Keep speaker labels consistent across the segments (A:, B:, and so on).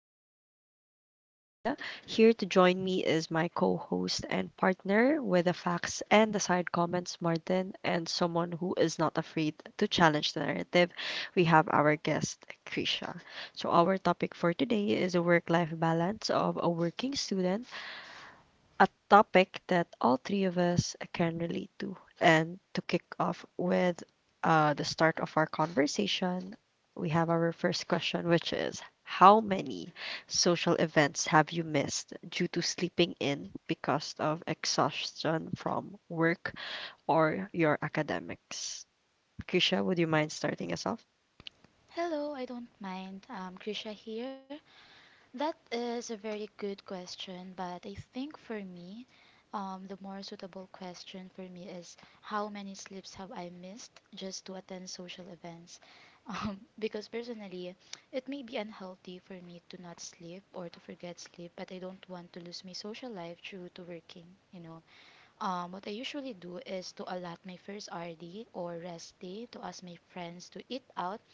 A: am your host for today, Isa. Here to join me is my co host and partner with the facts and the side comments, Martin, and someone who is not afraid to challenge the narrative. We have our guest, Krisha. So, our topic for today is the work life balance of a working student, a topic that all three of us can relate to. And to kick off with the start of our conversation, we have our first question, which is: how many social events have you missed due to sleeping in because of exhaustion from work or your academics? Kisha, would you mind starting us off?
B: Hello, I don't mind. Krisha here. That is a very good question, but I think for me, the more suitable question for me is how many sleeps have I missed just to attend social events? Because personally, it may be unhealthy for me to not sleep or to forget sleep, but I don't want to lose my social life due to working, you know. What I usually do is to allot my first RD or rest day to ask my friends to eat out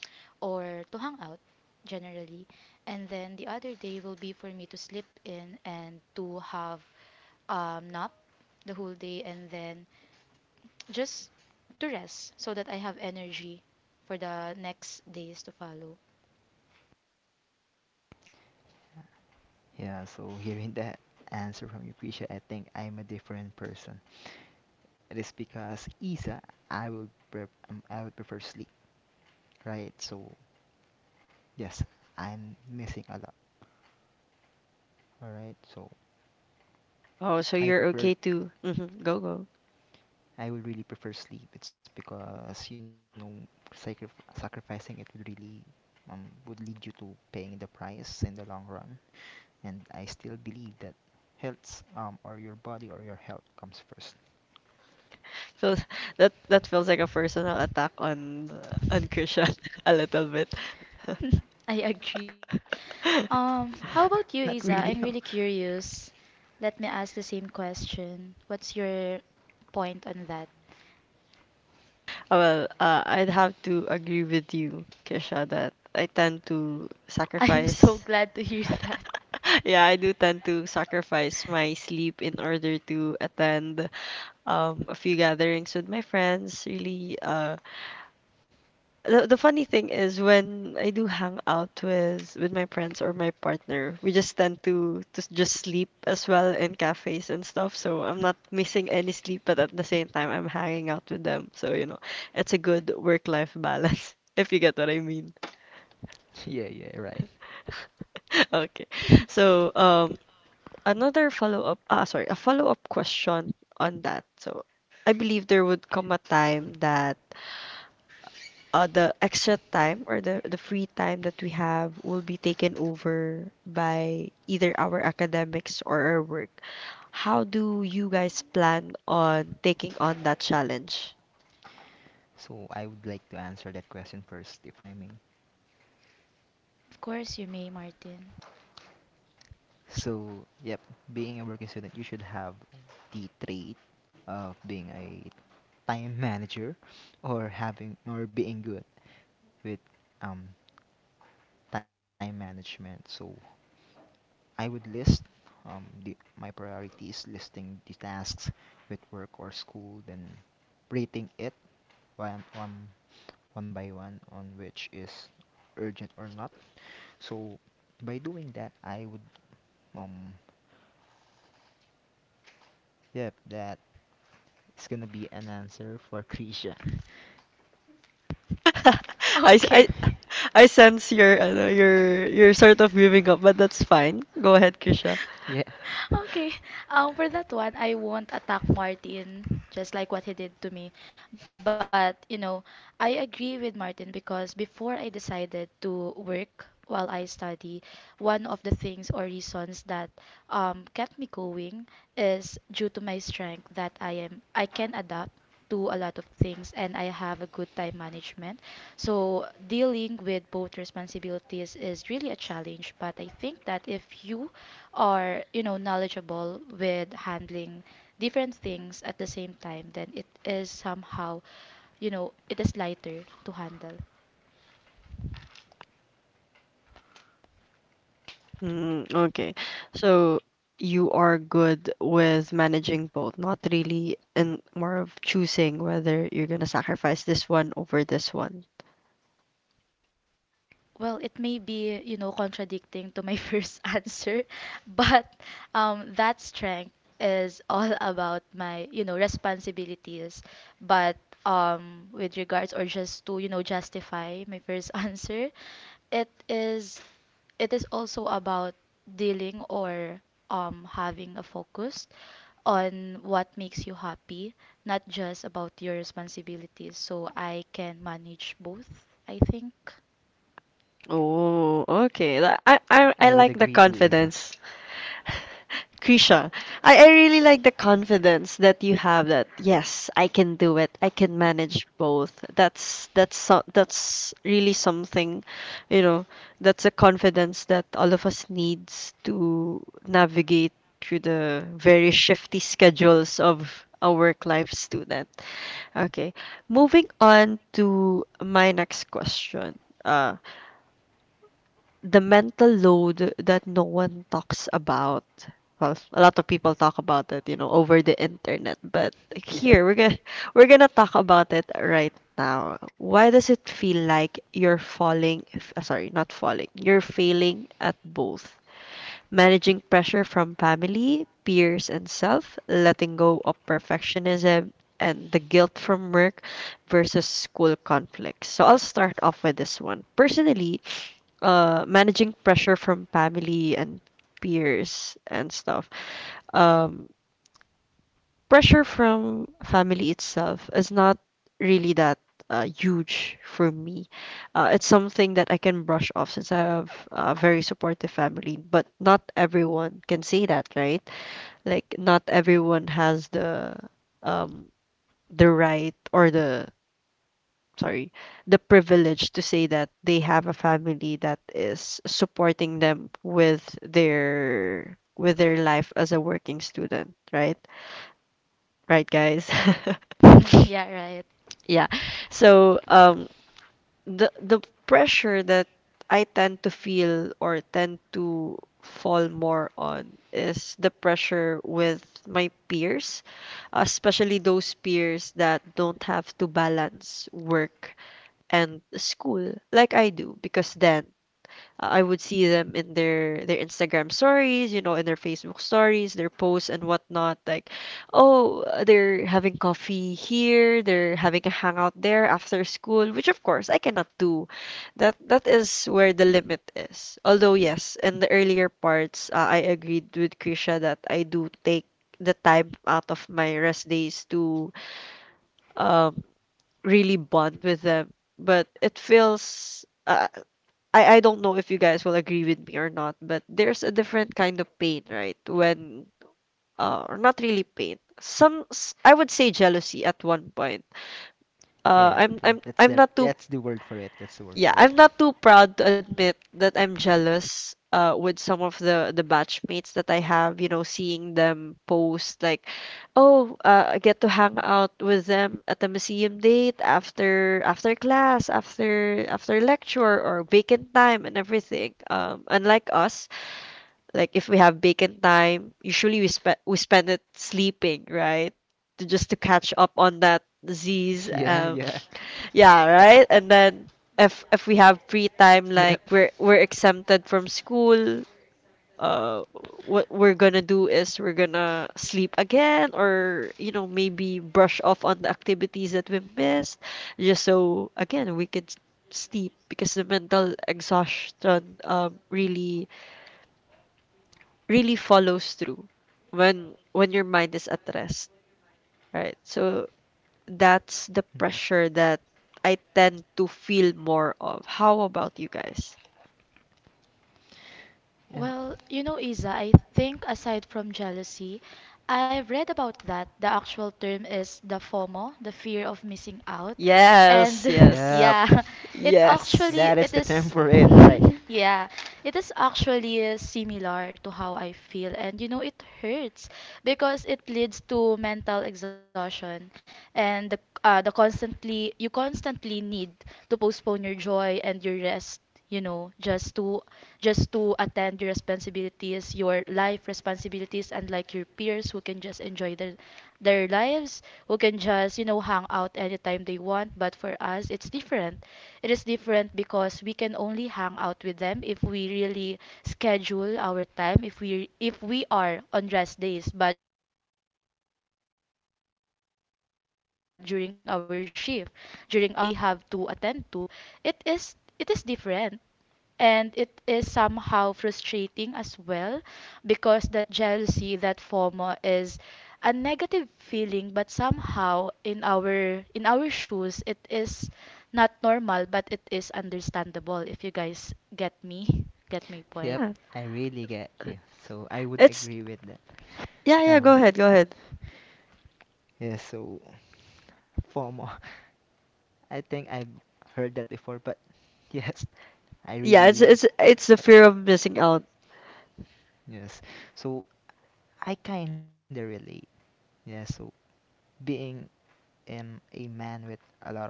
B: or to hang out generally. And then the other day will be for me to sleep in and to have nap the whole day and then just to rest so that I have energy for the next days to follow.
C: Yeah, so hearing that answer from you, Krisha, I think I'm a different person. It is because Isa, I would prefer sleep, right? So yes, I'm missing a lot. All right, so
A: Oh, so
C: I
A: you're
C: prefer
A: okay to. Mhm, go, go.
C: I would really prefer sleep. It's because sacri- sacrificing it would really um would lead you to paying the price in the long run. And I still believe that health or your body or your health comes first.
A: Feels that feels like a personal attack on Christian a little bit.
B: I agree with that. How
C: Not,
B: about you,
C: not
B: Isa?
C: really.
B: I'm really curious. Let me ask the same question. What's your point on that?
A: Well, I'd have to agree with you, Kisha, that I tend to
B: I'm so
A: sacrifice.
B: glad to hear that.
A: Yeah, I do tend to sacrifice my sleep in order to attend a few gatherings with my friends. Really, the funny thing is when I do hang out with my friends or my partner, we just tend to just sleep as well in cafes and stuff. So I'm not missing any sleep, but at the same time I'm hanging out with them. So, you know, it's a good work-life balance, if you get what I mean.
C: Yeah, yeah, right.
A: Okay. So, another follow-up, a follow-up question on that. So, I believe there would come a time that the extra time or the free time that we have will be taken over by either our academics or our work. How do you guys plan on taking on that challenge?
C: So I would like to answer that question first, if I may.
B: Of course you may, Martin.
C: So, yep, being a working student, you should have the trait of being a time manager or having or being good with um time management. So I would list my priority is listing the tasks with work or school, then rating it one, one, one by one on which is urgent or not. So by doing that, I would um yep that is gonna be an answer for Krisha.
A: I, I,
B: Okay.
A: I sense your, ano, your sort of giving up, but that's fine. Go ahead, Kisha.
C: Yeah,
B: Okay. For that one, I won't attack Martin, just like what he did to me. But, you know, I agree with Martin because before I decided to work while I study, one of the things or reasons that kept me going is due to my strength that I can adapt to a lot of things and I have a good time management. So dealing with both responsibilities is really a challenge, but I think that if you or you know knowledgeable with handling different things at the same time, then it is somehow, you know, it is lighter to handle.
A: Mm, okay. So you are good with managing both, not really, and more of choosing whether you're gonna sacrifice this one over this one.
B: Well, it may be, you know, contradicting to my first answer, but that strength is all about my, you know, responsibilities, but with regards or just to, you know, justify my first answer, it is, it is also about dealing or having a focus on what makes you happy, not just about your responsibilities. So I can manage both, I think.
A: Oh, okay.
C: I would agree to
A: I like
C: Isa.
A: the confidence. Krisha, I really like the confidence that you have that yes, I can do it. I can manage both. That's really something, you know, that's a confidence that all of us needs to navigate through the very shifty schedules of a work life student. Okay. Moving on to my next question. Uh the mental load that no one talks about. Well, a lot of people talk about it, you know, over the internet, but here we're
C: Yep.
A: gonna we're gonna talk about it right now. Why does it feel like you're falling? Sorry, not falling. You're failing at both. Managing pressure from family, peers, and self, letting go of perfectionism, and the guilt from work versus school conflicts. So I'll start off with this one. Personally, managing pressure from family and peers and stuff. Um, Pressure from family itself is not really that huge for me. It's something that I can brush off since I have a very supportive family, but not everyone can say that, right? Like, not everyone has um, the right or the sorry, the privilege to say that they have a family that is supporting them with their life as a working student, right? Right, guys?
B: Yeah, right.
A: Yeah. So, the pressure that I tend to feel or tend to fall more on is the pressure with my peers, especially those peers that don't have to balance work and school like I do because then I would see them in their Instagram stories, you know, in their Facebook stories, their posts and whatnot. Like, oh, they're having coffee here, they're having a hangout there after school, which of course I cannot do. That is where the limit is. Although yes, in the earlier parts, I agreed with Krisha that I do take the time out of my rest days to um really bond with them. But it feels I don't know if you guys will agree with me or not, but there's a different kind of pain, right? When or not really pain. I would say jealousy at one point.
C: Yeah, yeah.
A: I'm not too
C: That's the word for it. That's the word
A: Yeah,
C: for it.
A: I'm not too proud to admit that I'm jealous with some of the batchmates that I have, you know, seeing them post like, "Oh, I get to hang out with them at a museum date after class, after lecture or vacant time and everything." Unlike us, like if we have vacant time, usually we spend it sleeping, right? To just to catch
C: Yeah,
A: up on
C: yeah.
A: that disease. Yeah, right? And then
C: Yep.
A: if we have free time, like we're exempted from school, uh, what we're gonna do is we're gonna sleep again, or you know maybe brush off on the activities that we missed, just so again sleep because the mental exhaustion really follows through when your mind is at rest, right? So
C: Mm-mm.
A: that's the pressure that I tend to feel more of. How about you guys?
C: Um,
B: Well, you know, Isa, I think aside from jealousy, I've read about that. The actual term is the FOMO, the fear of missing out. And
A: Yes,
C: yep.
A: yes.
B: yeah, it actually
C: That
A: Yes.
C: is
B: it
C: the
B: is
C: term for it, right?
B: Yeah, it is actually similar to how I feel, and you know, it hurts because it leads to mental exhaustion and the constantly you constantly need to postpone your joy and your rest, you know, just to attend your responsibilities, your life responsibilities, and like your peers who can just enjoy their lives, who can just, you know, hang out anytime they want. But for us, it is different because we can only hang out with them if we really schedule our time, if we are on rest days, but during our shift, during our schedules with class, during our, you know, activities that we have to attend to, it is different and it is somehow frustrating as well because that jealousy, that FOMO, is a negative feeling but somehow in our shoes it is not normal but it is understandable if you guys get me, get my point.
C: Yep,
A: Yeah.
C: I really get you. So I would
A: It's
C: agree with that.
A: yeah, go
C: Um,
A: ahead, go ahead.
C: yeah. So FOMO. I think I've heard that before, but yes, I really
A: It's the fear of missing out.
C: yes. So I kinda relate. Yeah. So being a man with a lot of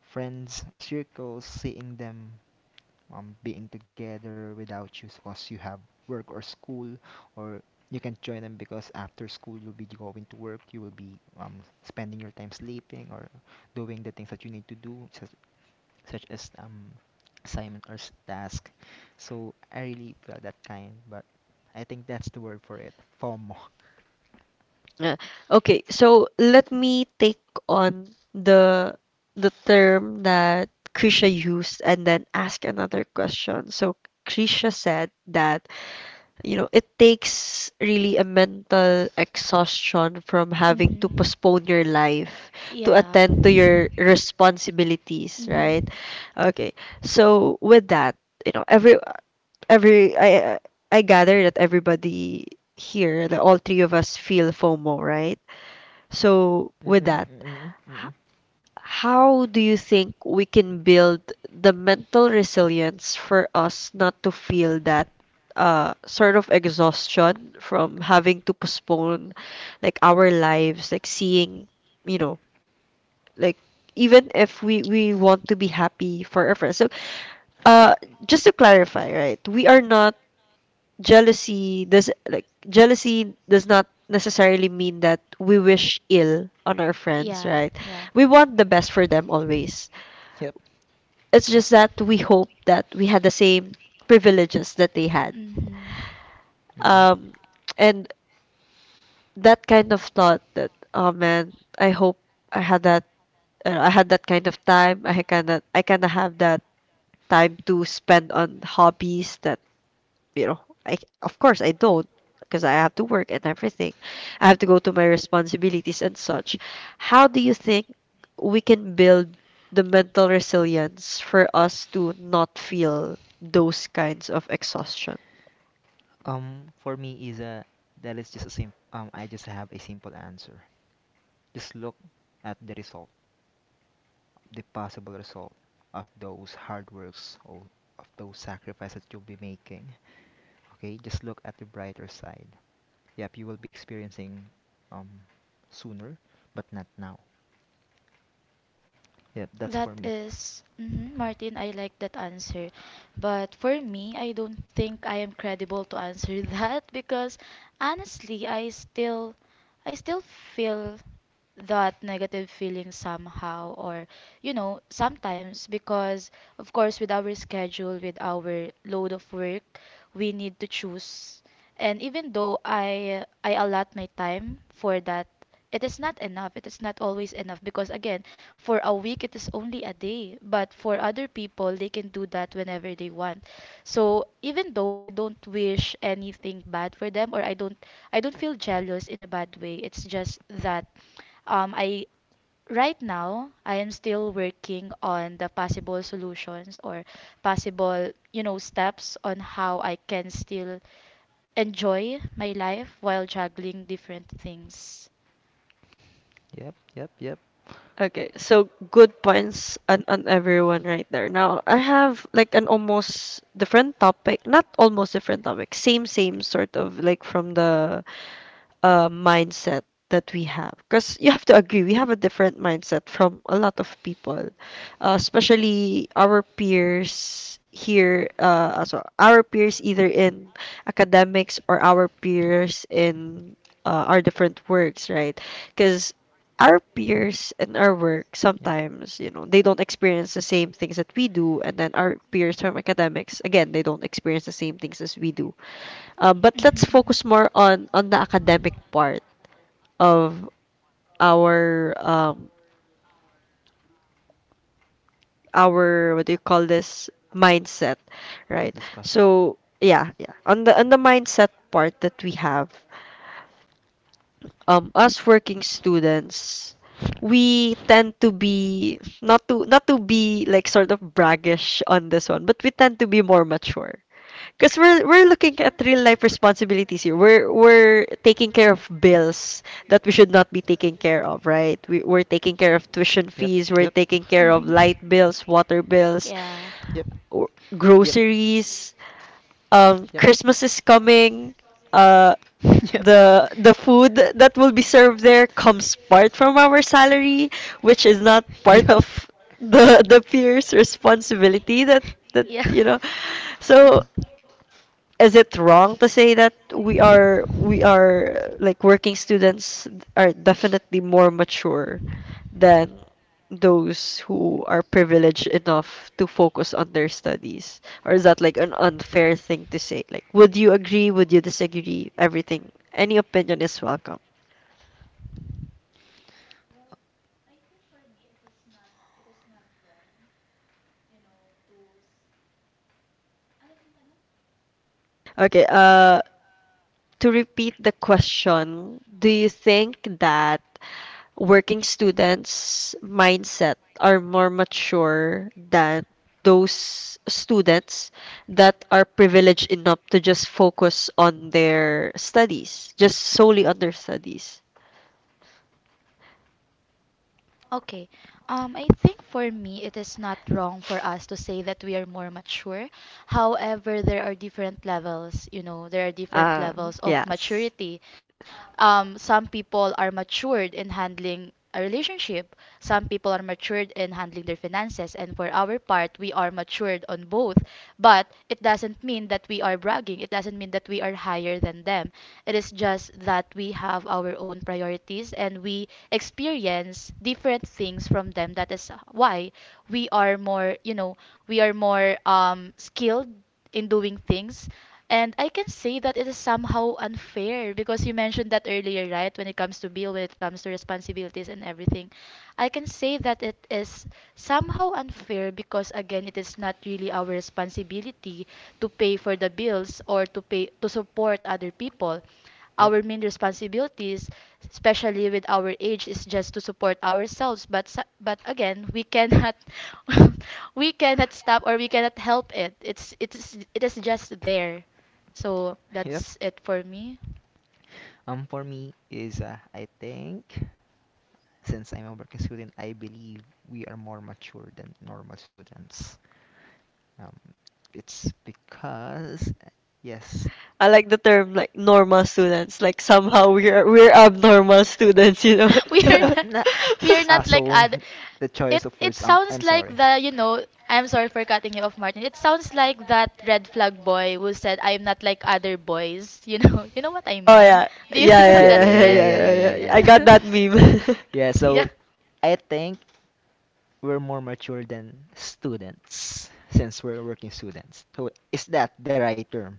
C: friends or circles, seeing them being together without you because you have work or school or you can join them because after school you'll be going to work, you will be um, spending your time sleeping or doing the things that you need to do such as assignment or task. So I really feel that kind, but I think that's the word for it: FOMO.
A: Yeah. Okay, so let me take on the term that Krisha used and then ask another question. So Krisha said that you know, it takes really a mental exhaustion from having to
B: Hmm.
A: postpone your life to
B: Yeah.
A: attend to your responsibilities,
B: Hmm.
A: right? Okay. So with that, you know, every I gather that everybody here, the all three of us feel FOMO, right? So with
C: Mm-mm,
A: that,
C: mm-mm, mm-mm.
A: how do you think we can build the mental resilience for us not to feel that sort of exhaustion from having to postpone like our lives, like seeing, you know, like even if we want to be happy for our friends. So, uh, just to clarify, right? We are not Jealousy does, like, jealousy does not necessarily mean that we wish ill on our friends,
B: Yeah.
A: right?
B: Yeah.
A: We want the best for them always.
C: Yep.
A: It's just that we hope that we had the same privileges that they had.
B: Mm-hmm. Mhm.
C: Mm-mm.
A: Um, and that kind of thought that, oh man, I hope I had that. I had that kind of time. I cannot. I cannot have that time to spend on hobbies that you know, I of course I don't, because I have to work and everything. I have to go to my responsibilities and such. How do you think we can build the mental resilience for us to not feel those kinds of exhaustion?
C: Um for me is a that is just a sim I just have a simple answer. Just look at the result, the possible result of those hard works or of those sacrifices that you'll be making. Okay, just look at the brighter side. Yep, you will be experiencing um sooner, but not now. Yep, that's
B: That
C: for me.
B: is, mhm, Martin, I like that answer. But for me, I don't think I am credible to answer that because honestly, I still feel that negative feeling somehow or you know sometimes because of course with our schedule, with our load of work, we need to choose, and even though I allot my time for that, it is not enough, it is not always enough because again, for a week it is only a day, but for other people they can do that whenever they want. So even though I don't wish anything bad for them or I don't feel jealous in a bad way, it's just that I right now I am still working on the possible solutions or possible, you know, steps on how I can still enjoy my life while juggling different things.
C: Yep, yep, yep,
A: Okay, so good points on everyone right there. Now, I have like an almost different topic, not almost different topic, same sort of like from the mindset that we have. Because you have to agree, we have a different mindset from a lot of people, especially our peers here. So our peers either in academics or our peers in our different works, right? Because our peers in
C: yep.
A: our work sometimes you know they don't experience the same things that we do, and then our peers from academics again they don't experience the same things as we do. But let's
B: Mm-hmm.
A: focus more on the academic part of our our, what do you call this, mindset,
C: Discussion.
A: right? So yeah, yeah. On the mindset part that we have, us working students, we tend to be, not to be like sort of braggish on this one, but we tend to be more mature. Because we're looking at real life responsibilities here. We're taking care of bills that we should not be taking care of, right? We're taking care
C: Yep,
A: of
C: yep,
A: tuition fees. We're taking care of light bills, water bills,
C: yep,
B: Yeah.
A: w-
C: yep,
A: groceries.
C: yep,
A: Christmas is coming. Uh,
C: yep.
A: the the food that will be served there comes part from our salary, which is not
C: Yep.
A: part of the peers' responsibility. That, you know, so is it wrong to say that we are, like, working students are definitely more mature than those who are privileged enough to focus on their studies? Or is that like an unfair thing to say? Like, would you agree? Would you disagree? Everything. Any opinion is welcome. Okay, to repeat the question, do you think that working students' mindset are more mature than those students that are privileged enough to just focus on their studies, just solely on their studies?
B: Okay. I think for me, it is not wrong for us to say that we are more mature. However, there are different levels, you know, there are different
A: Ah,
B: levels of
A: yes.
B: maturity. Some people are matured in handling a relationship. Some people are matured in handling their finances. And for our part, we are matured on both. But it doesn't mean that we are bragging. It doesn't mean that we are higher than them. It is just that we have our own priorities and we experience different things from them. That is why we are more, you know, we are more skilled in doing things, and I can say that it is somehow unfair because you mentioned that earlier, right? When it comes to bill, when it comes to responsibilities and everything. I can say that it is somehow unfair because again, it is not really our responsibility to pay for the bills or to pay to support other people.
C: Yep,
B: Our main responsibilities, especially with our age, is just to support ourselves. But but again, we cannot we cannot stop or we cannot help it. It is just there. So
C: yep.
B: that's it for me.
C: For me is I think since I'm a working student, I believe we are more mature than normal students. Um, it's because yes,
A: I like the term like normal students. Like somehow we're abnormal students, you know.
B: We are
C: No, no.
B: we are
C: Ah,
B: not like
C: so
B: other.
C: the
B: It
C: choice of
B: it
C: words.
B: sounds
C: I'm
B: like
C: sorry.
B: the you know. I'm sorry for cutting you off, Martin. It sounds like that red flag boy who said I'm not like other boys. You know, you know what I
A: Oh
B: mean.
A: yeah.
B: You
A: Yeah,
B: know
A: yeah,
C: Yeah,
B: that.
A: yeah,
C: yeah, yeah,
A: yeah, yeah,
C: yeah, yeah, yeah, yeah,
A: yeah.
C: yeah,
A: yeah. I
C: yeah.
A: got that meme.
C: Yeah.
B: Yeah,
C: So I think we're more mature than students since we're working students. So is that the right term?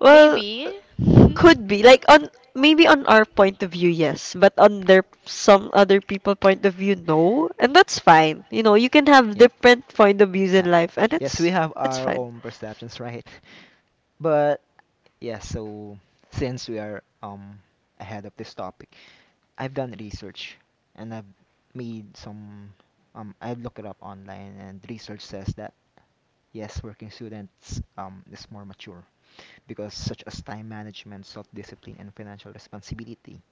A: Well,
B: maybe.
A: could be like on maybe on our point of view, yes, but on their some other people point of view, no, and that's fine. You know, you can have
C: Yeah.
A: different point of views
C: Uh,
A: in life, and
C: yes, we
A: it's
C: have
A: it's
C: our
A: fine.
C: own perceptions, right? But yeah, so since we are ahead of this topic, I've done research and I've made some I looked it up online, and research says that yes, working students is more mature because such as time management, self-discipline and financial responsibility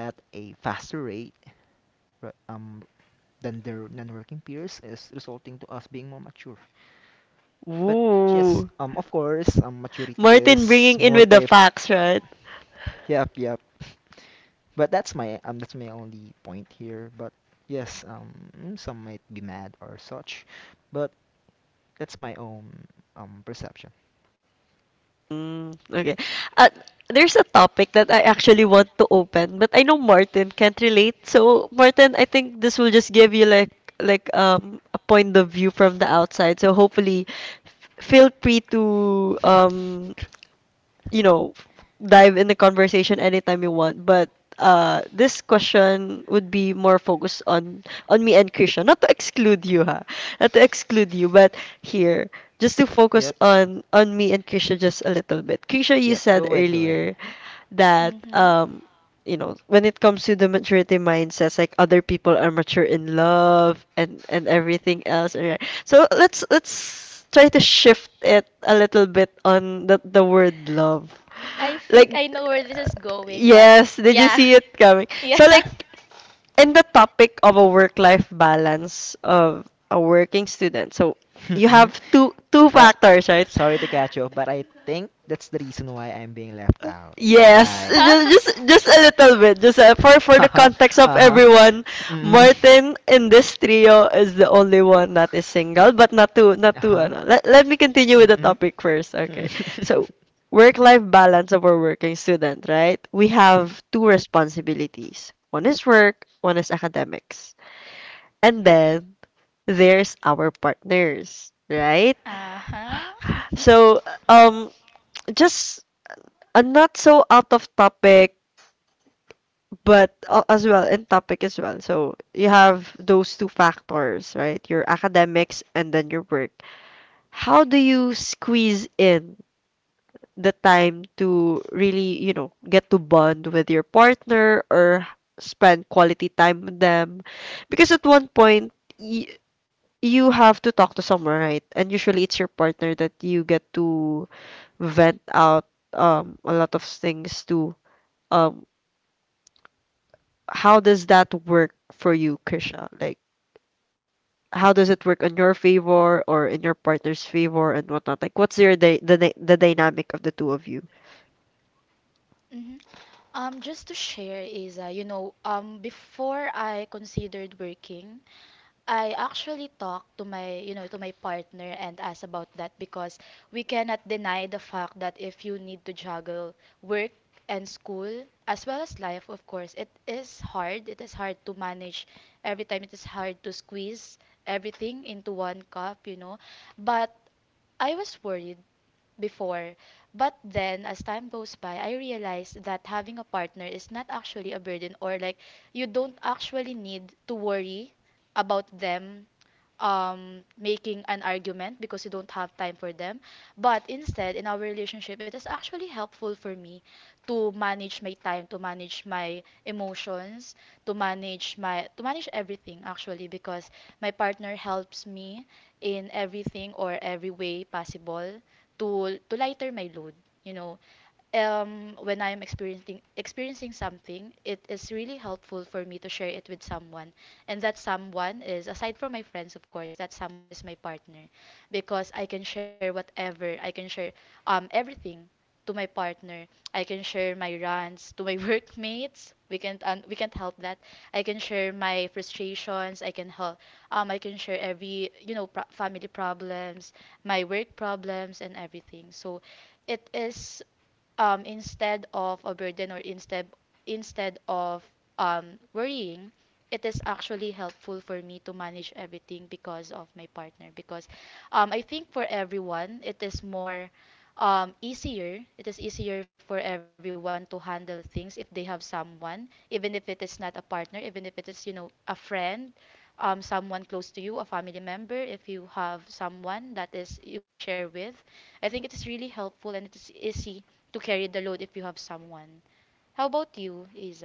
C: at a faster rate r- um than their non-working peers is resulting to us being more mature. But yes,
A: Ooh,
C: of course, maturity
A: Martin
C: is
A: bringing in with
C: multi.
A: the facts,
C: Uh,
A: right?
C: yep, yep. But that's my only point here. But yes, some might be mad or such, but that's my own perception.
A: Mm, okay. Uh, there's a topic that I actually want to open, but I know Martin can't relate. So Martin, I think this will just give you like a point of view from the outside. So hopefully, feel free to you know, dive in the conversation anytime you want. But this question would be more focused on me and Krisha. Not to exclude you, ha. Not to exclude you, but here, just to focus
C: Yep,
A: on me and Krisha just a little bit. Krisha, you
C: yep.
A: said
C: Go ahead, go
A: earlier
C: ahead.
A: that you know, when it comes to the maturity mindsets, like other people are mature in love and everything else, right? So let's try to shift it a little bit on the word love.
B: I think
A: Like
B: I know where this is going, but
A: yes, did you see it coming? So
B: Yeah.
A: like in the topic of a work-life balance of a working student. So you have
C: Mm.
A: two
C: Uh,
A: factors, right?
C: sorry to catch you, but I think that's the reason why I'm being left out.
A: Yes,
C: Right.
A: just a little bit. Just for the
C: Uh-huh.
A: context of
C: Uh-huh.
A: everyone,
C: Mm.
A: Martin in this trio is the only one that is single, but not to
C: Uh-huh.
A: ano. Let me continue with the
C: Mm-mm.
A: topic first. Okay. So, work-life balance of our working student, right? We have two responsibilities. One is work, one is academics. And then there's our partners, right?
B: Uh-huh.
A: So, um just a not so out of topic but as well in topic as well. So you have those two factors, right? Your academics and then your work. How do you squeeze in the time to really, you know, get to bond with your partner or spend quality time with them? Because at one point, y you have to talk to someone, right? And usually it's your partner that you get to vent out a lot of things to. Um, how does that work for you, Krisha? Like how does it work on your favor or in your partner's favor and whatnot? Like, what's your day, the dynamic of the two of you?
B: Mhm. Just to share is, you know, before I considered working, I actually talked to my, you know, to my partner and asked about that because we cannot deny the fact that if you need to juggle work and school as well as life, of course, it is hard. It is hard to manage every time. It is hard to squeeze everything into one cup, you know. But I was worried before. But then, as time goes by, I realized that having a partner is not actually a burden, or like you don't actually need to worry about them making an argument because you don't have time for them. But instead, in our relationship, it is actually helpful for me to manage my time, to manage my emotions, to manage everything actually because my partner helps me in everything or every way possible to lighter my load. You know, when I am experiencing something, it is really helpful for me to share it with someone, and that someone is aside from my friends, of course, that someone is my partner, because I can share whatever I can share, everything to my partner. I can share my rants to my workmates. We can we can't help that. I can share my frustrations. I can help. I can share every you know family problems, my work problems, and everything. So it is instead of a burden, or instead of worrying, it is actually helpful for me to manage everything because of my partner. Because I think for everyone, it is more easier. It is easier for everyone to handle things if they have someone, even if it is not a partner, even if it is, you know, a friend. Someone close to you, a family member, if you have someone that is you can share with, I think it is really helpful and it is easy to carry the load if you have someone. How about you, Isa?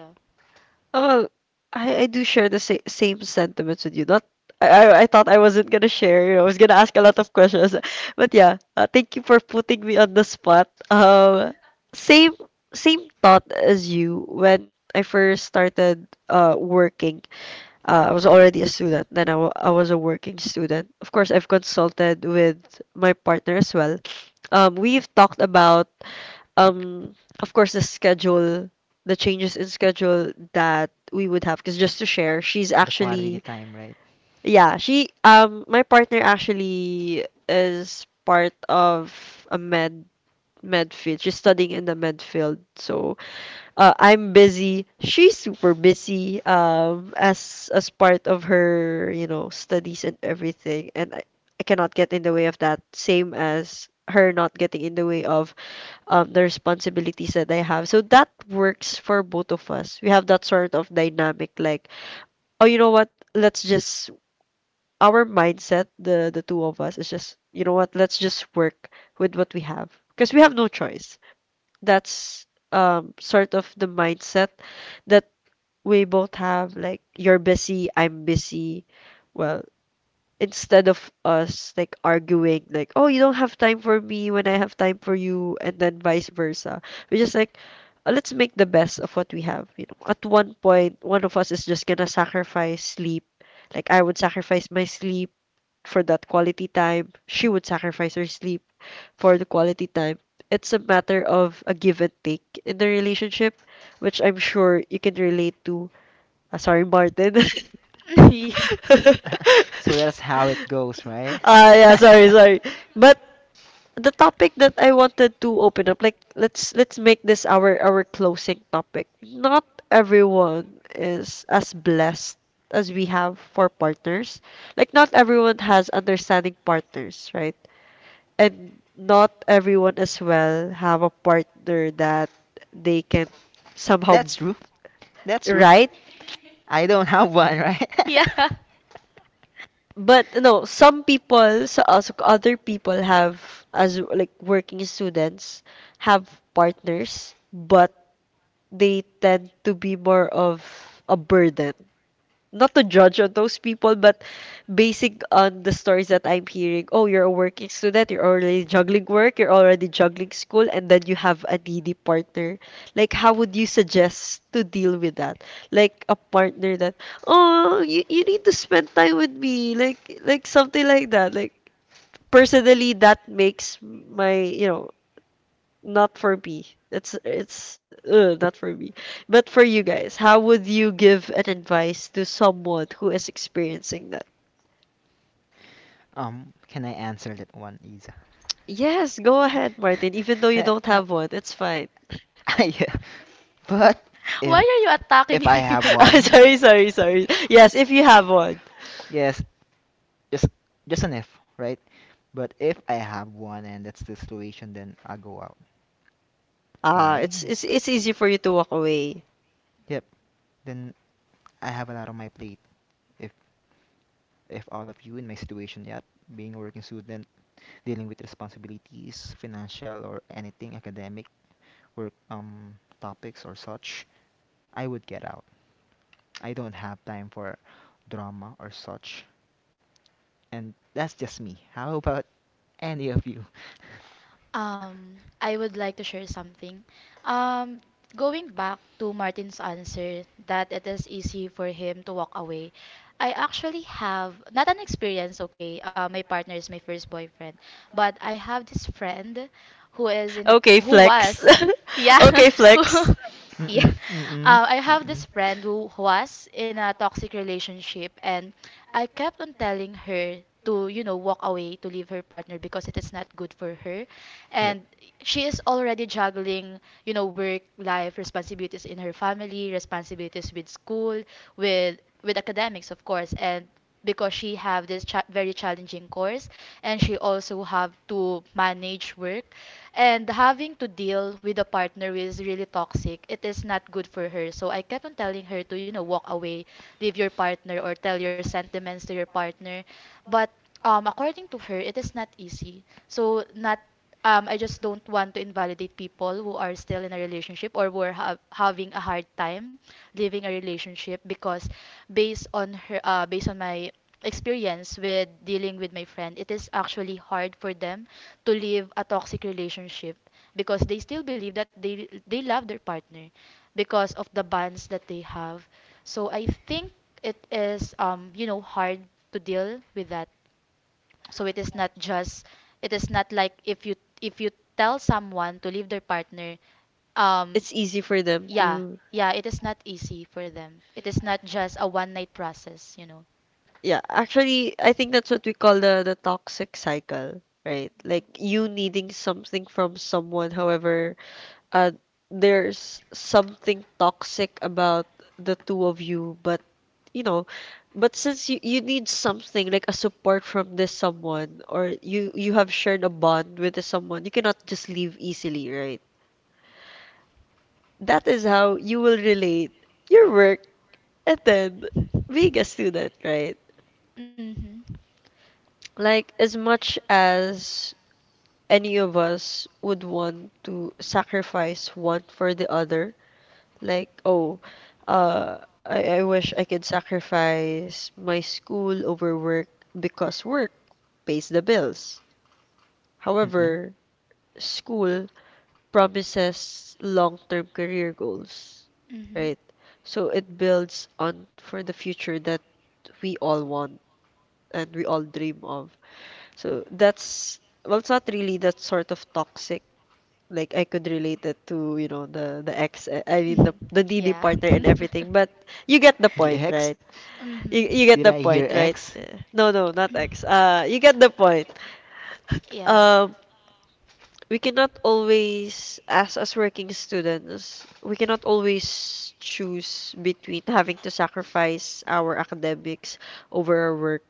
A: Oh, I do share the same sentiments with you. Not I, I thought I wasn't gonna share. You know, I was gonna ask a lot of questions, but yeah, thank you for putting me on the spot. Same same thought as you when I first started working. I was already a student. Then I was a working student. Of course, I've consulted with my partner as well. We've talked about, um, of course, the schedule, the changes in schedule that we would have. Because just to share, she's
C: The quality
A: actually
C: time, right?
A: yeah, she my partner actually is part of a med field. She's studying in the med field. So I'm busy. She's super busy as part of her, you know, studies and everything. I cannot get in the way of that. Same as her not getting in the way of the responsibilities that I have. So that works for both of us. We have that sort of dynamic like, oh, you know what? Let's just our mindset, the two of us, is just, you know what, let's just work with what we have. Because we have no choice. That's sort of the mindset that we both have, like you're busy, I'm busy. Well, instead of us like arguing like, oh, you don't have time for me when I have time for you, and then vice versa. We just like let's make the best of what we have. You know, at one point, one of us is just gonna sacrifice sleep. Like I would sacrifice my sleep for that quality time. She would sacrifice her sleep for the quality time. It's a matter of a give and take in the relationship, which I'm sure you can relate to. Sorry, Martin.
C: So that's how it goes, right?
A: Ah, yeah, sorry, sorry. But the topic that I wanted to open up, like let's make this our closing topic. Not everyone is as blessed as we have for partners. Like not everyone has understanding partners, right? And not everyone as well have a partner that they can somehow,
C: That's true. That's true.
A: right?
C: I don't have one, right?
B: Yeah.
A: But no, some people, so also other people have as like working students have partners, but they tend to be more of a burden. Not to judge on those people, but basing on the stories that I'm hearing, oh, you're a working student, you're already juggling work, you're already juggling school, and then you have a needy partner. Like, how would you suggest to deal with that? Like a partner that, oh, you need to spend time with me, something like that. Like personally, that makes my you know not for me. It's not for me. But for you guys, how would you give an advice to someone who is experiencing that?
C: Um, can I answer that one, Isa?
A: Yes, go ahead, Martin. Even though you don't have one, it's fine.
C: Yeah. But
B: Why
C: if
B: are you attacking
C: I
B: him?
C: have
A: Ah,
C: one,
A: sorry, sorry, sorry. Yes, if you have one.
C: yes, just just an if, right? But if I have one and that's the situation, then I'll go out.
A: Ah,
C: Why?
A: it's easy for you to walk away.
C: Yep. Then I have a lot on my plate. If all of you in my situation yet, being a working student, dealing with responsibilities, financial or anything academic, work topics or such, I would get out. I don't have time for drama or such. And that's just me. How about any of you?
B: I would like to share something. Um, Going back to Martin's answer that it is easy for him to walk away, I actually have not an experience, okay. My partner is my first boyfriend, but I have this friend who is in a
A: Okay,
B: who was
A: flex.
B: Yeah.
A: Okay, flex.
B: yeah.
C: Mm-mm, mm-mm,
B: I have this
C: mm-mm.
B: friend who was in a toxic relationship, and I kept on telling her to, you know, walk away, to leave her partner because it is not good for her. And she is already juggling, you know, work, life, responsibilities in her family, responsibilities with school, with academics, of course, and because she have this very challenging course and she also have to manage work
C: Yep.
B: and having to deal with a partner who is really toxic, it is not good for her. So I kept on telling her to, you know, walk away, leave your partner, or tell your sentiments to your partner. But according to her, it is not easy. So not I just don't want to invalidate people who are still in a relationship or who are having a hard time leaving a relationship because based on my experience with dealing with my friend, it is actually hard for them to leave a toxic relationship because they still believe that they love their partner because of the bonds that they have. So I think it is, um, you know, hard to deal with that. So it is not like if you tell someone to leave their partner um
A: It's easy for them
B: yeah
A: to
B: yeah it is not easy for them. It is not just a one night process, you know.
A: yeah, actually I think that's what we call the toxic cycle, right? Like you needing something from someone, however Uh, there's something toxic about the two of you, but you know, but since you need something like a support from this someone, or you have shared a bond with this someone, you cannot just leave easily, right? That is how you will relate your work and then being a student, right?
B: Mhm.
A: Like as much as any of us would want to sacrifice one for the other, like, oh, uh, I wish I could sacrifice my school over work because work pays the bills.
C: Mm-mm.
A: However, school promises long-term career goals,
B: Mhm.
A: right? So it builds on for the future that we all want and we all dream of. So that's, well, it's not really that sort of toxic. Like I could relate it to, you know, the ex, I mean the needy
B: Yeah.
A: partner and everything. But you get the
C: The
A: point,
C: X?
A: right?
B: Mhm.
A: You get
C: Did
A: the
C: I hear
A: point, right?
C: X?
A: No, no, not ex. You get the point.
B: Yeah.
A: Um, we cannot always, as working students, we cannot always choose between having to sacrifice our academics over our work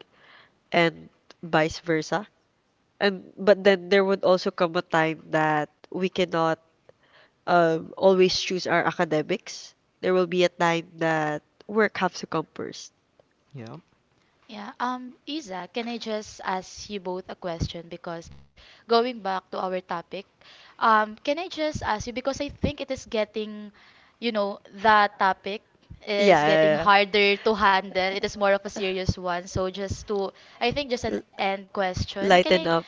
A: and vice versa. And but then there would also come a time that we cannot always choose our academics. There will be a time that work has to come first.
C: Yeah.
B: Yeah. Isa, can I just ask you both a question? Because going back to our topic, can I just ask you because I think it is getting, you know, the topic is
A: Yeah,
B: getting
A: yeah,
B: harder to handle. It is more of a serious one. So just to, I think just
A: yeah.
B: an end question. Can
A: Lighten
B: I
A: up.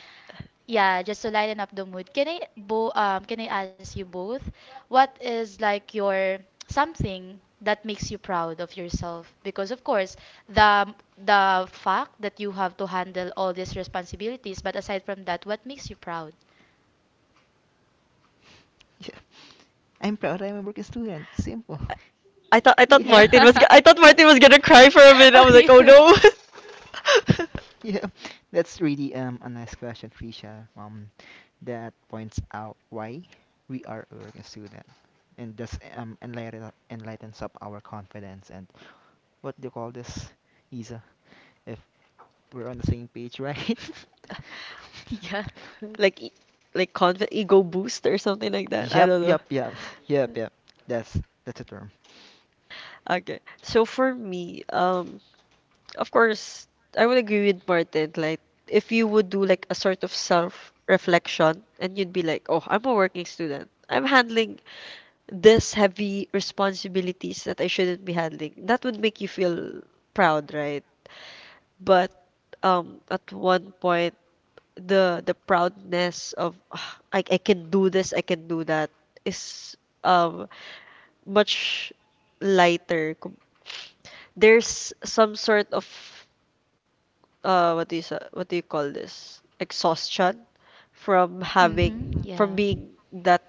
B: yeah, just to lighten up the mood. Can I bo can I ask you both what is like your something that makes you proud of yourself? Because of course, the fact that you have to handle all these responsibilities, but aside from that, what makes you proud?
C: Yeah. I'm proud I'm a working student. Simple.
A: I thought
C: Yeah.
B: Yeah.
A: Martin I thought Martin was gonna cry for a minute. I was like, oh no,
C: Yeah. That's really a nice question, Trisha. Um, that points out why we are a working student. And thus um, enlightens up our confidence and what do you call this? Isa. If we're on the same page, right?
B: Yeah.
A: like e- like confident ego boost or something like that. I
C: Yep,
A: don't know.
C: yep, yep, yep, yep. That's that's the term.
A: Okay, so for me, of course, I would agree with Martin. Like, if you would do like a sort of self reflection, and you'd be like, oh, I'm a working student. I'm handling this heavy responsibilities that I shouldn't be handling. That would make you feel proud, right? But at one point the proudness of "Ah, I can do this, I can do that is um much lighter. There's some sort of what do you what do you call this? Exhaustion from having
B: Mm-hmm.
A: from
B: Yeah.
A: being that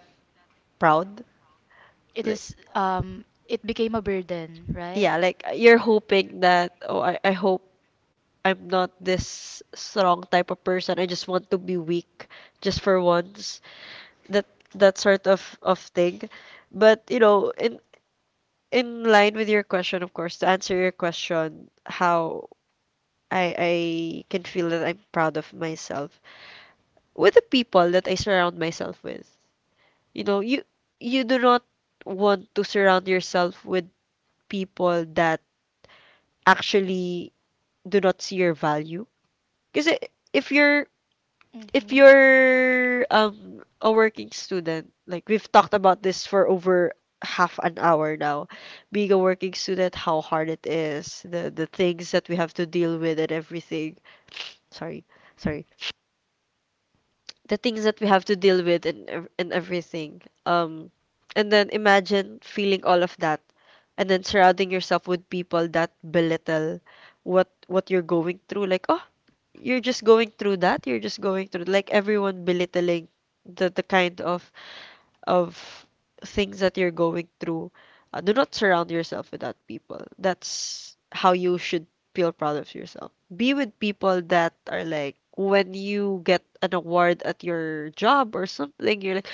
A: proud.
B: It
A: Like,
B: is it became a burden, right?
A: yeah, like you're hoping that I hope I'm not this strong type of person. I just want to be weak just for once. That that sort of thing. But you know, in line with your question, of course, to answer your question, how I can feel that I'm proud of myself with the people that I surround myself with. You know, you do not want to surround yourself with people that actually do not see your value. Because if you're if
B: Mm-hmm.
A: you're a working student, like we've talked about this for over half an hour now, being a working student, how hard it is, the things that we have to deal with and everything. Sorry, sorry. The things that we have to deal with and everything. Um, and then imagine feeling all of that, and then surrounding yourself with people that belittle what you're going through. Like, oh, you're just going through that. You're just going through like everyone belittling the kind of things that you're going through. Do not surround yourself with that people. That's how you should feel proud of yourself. Be with people that are like when you get an award at your job or something, you're like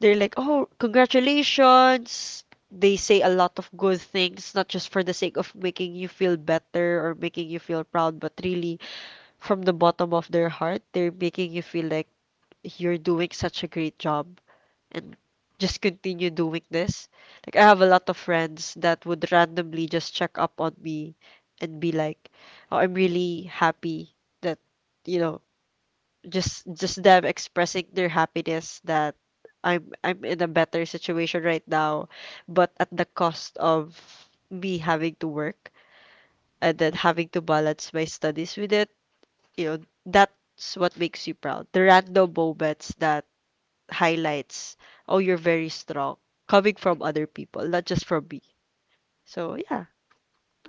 A: they're like, "Oh, congratulations." They say a lot of good things, not just for the sake of making you feel better or making you feel proud, but really from the bottom of their heart, they're making you feel like you're doing such a great job and just continue doing this. Like I have a lot of friends that would randomly just check up on me and be like, "Oh, I'm really happy that, you know, just them expressing their happiness that I'm in a better situation right now, but at the cost of me having to work and then having to balance my studies with it, you know, that's what makes you proud, the random moments that highlights, oh, you're very strong, coming from other people, not just from me. So yeah,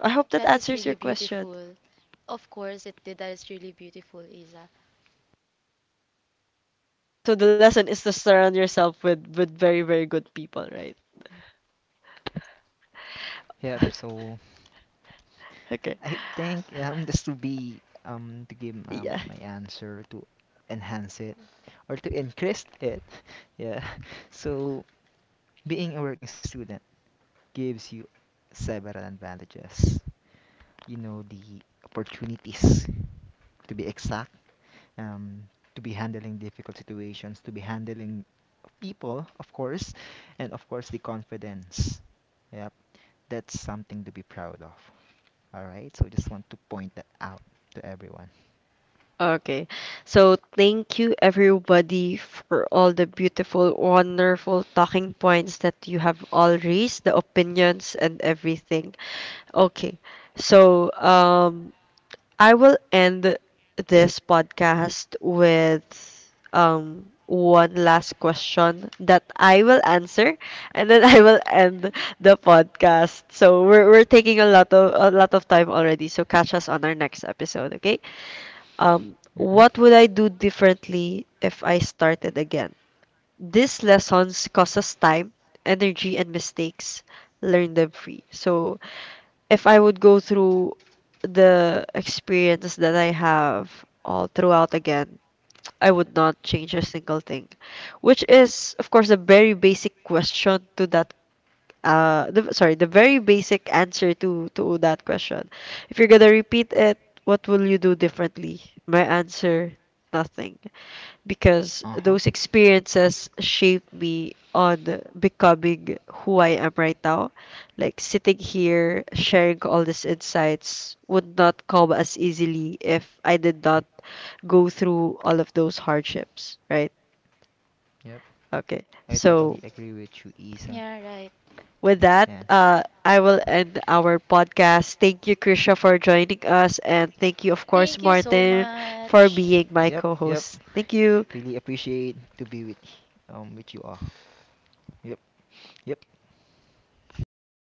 A: I hope
B: That
A: that
B: is really
A: answers your
B: beautiful.
A: question.
B: Of course it did. That is really beautiful, Isa.
A: So the lesson is to surround yourself with very good people, right?
C: Yep. So
A: Okay,
C: I think just to be to give
A: yeah.
C: my answer to enhance it or to increase it. Yeah. So being a working student gives you several advantages. You know, the opportunities, to be exact, um, to be handling difficult situations, to be handling people, of course, and of course the confidence. Yep, that's something to be proud of. All right, so just want to point that out to everyone.
A: Okay. So thank you everybody for all the beautiful, wonderful talking points that you have all raised, the opinions and everything. Okay. So I will end this podcast with one last question that I will answer and then I will end the podcast. So we're taking a lot of time already. So catch us on our next episode, okay?
C: Mm-mm.
A: What would I do differently if I started again? These lessons cost us time, energy and mistakes. Learn them free. So if I would go through the experience that I have all throughout again, I would not change a single thing, which is, of course, a very basic question to that. Sorry, the very basic answer to that question. If you're gonna repeat it, what will you do differently? My answer, nothing, because
C: Uh huh.
A: those experiences shaped me on becoming who I am right now. Like sitting here sharing all these insights would not come as easily if I did not go through all of those hardships, right?
C: Yep,
A: Okay.
C: I totally
A: So
C: agree with you, Isa.
B: Yeah, right.
A: with
C: Yeah.
A: that, I will end our podcast. Thank you, Krisha, for joining us, and thank you,
B: Thank you
A: of course,
B: so much.
A: Martin, for being
C: Yep,
A: my
C: yep.
A: co-host. Thank you.
C: Really appreciate to be with you all. Yep, yep,
B: Thank
C: yep.
B: you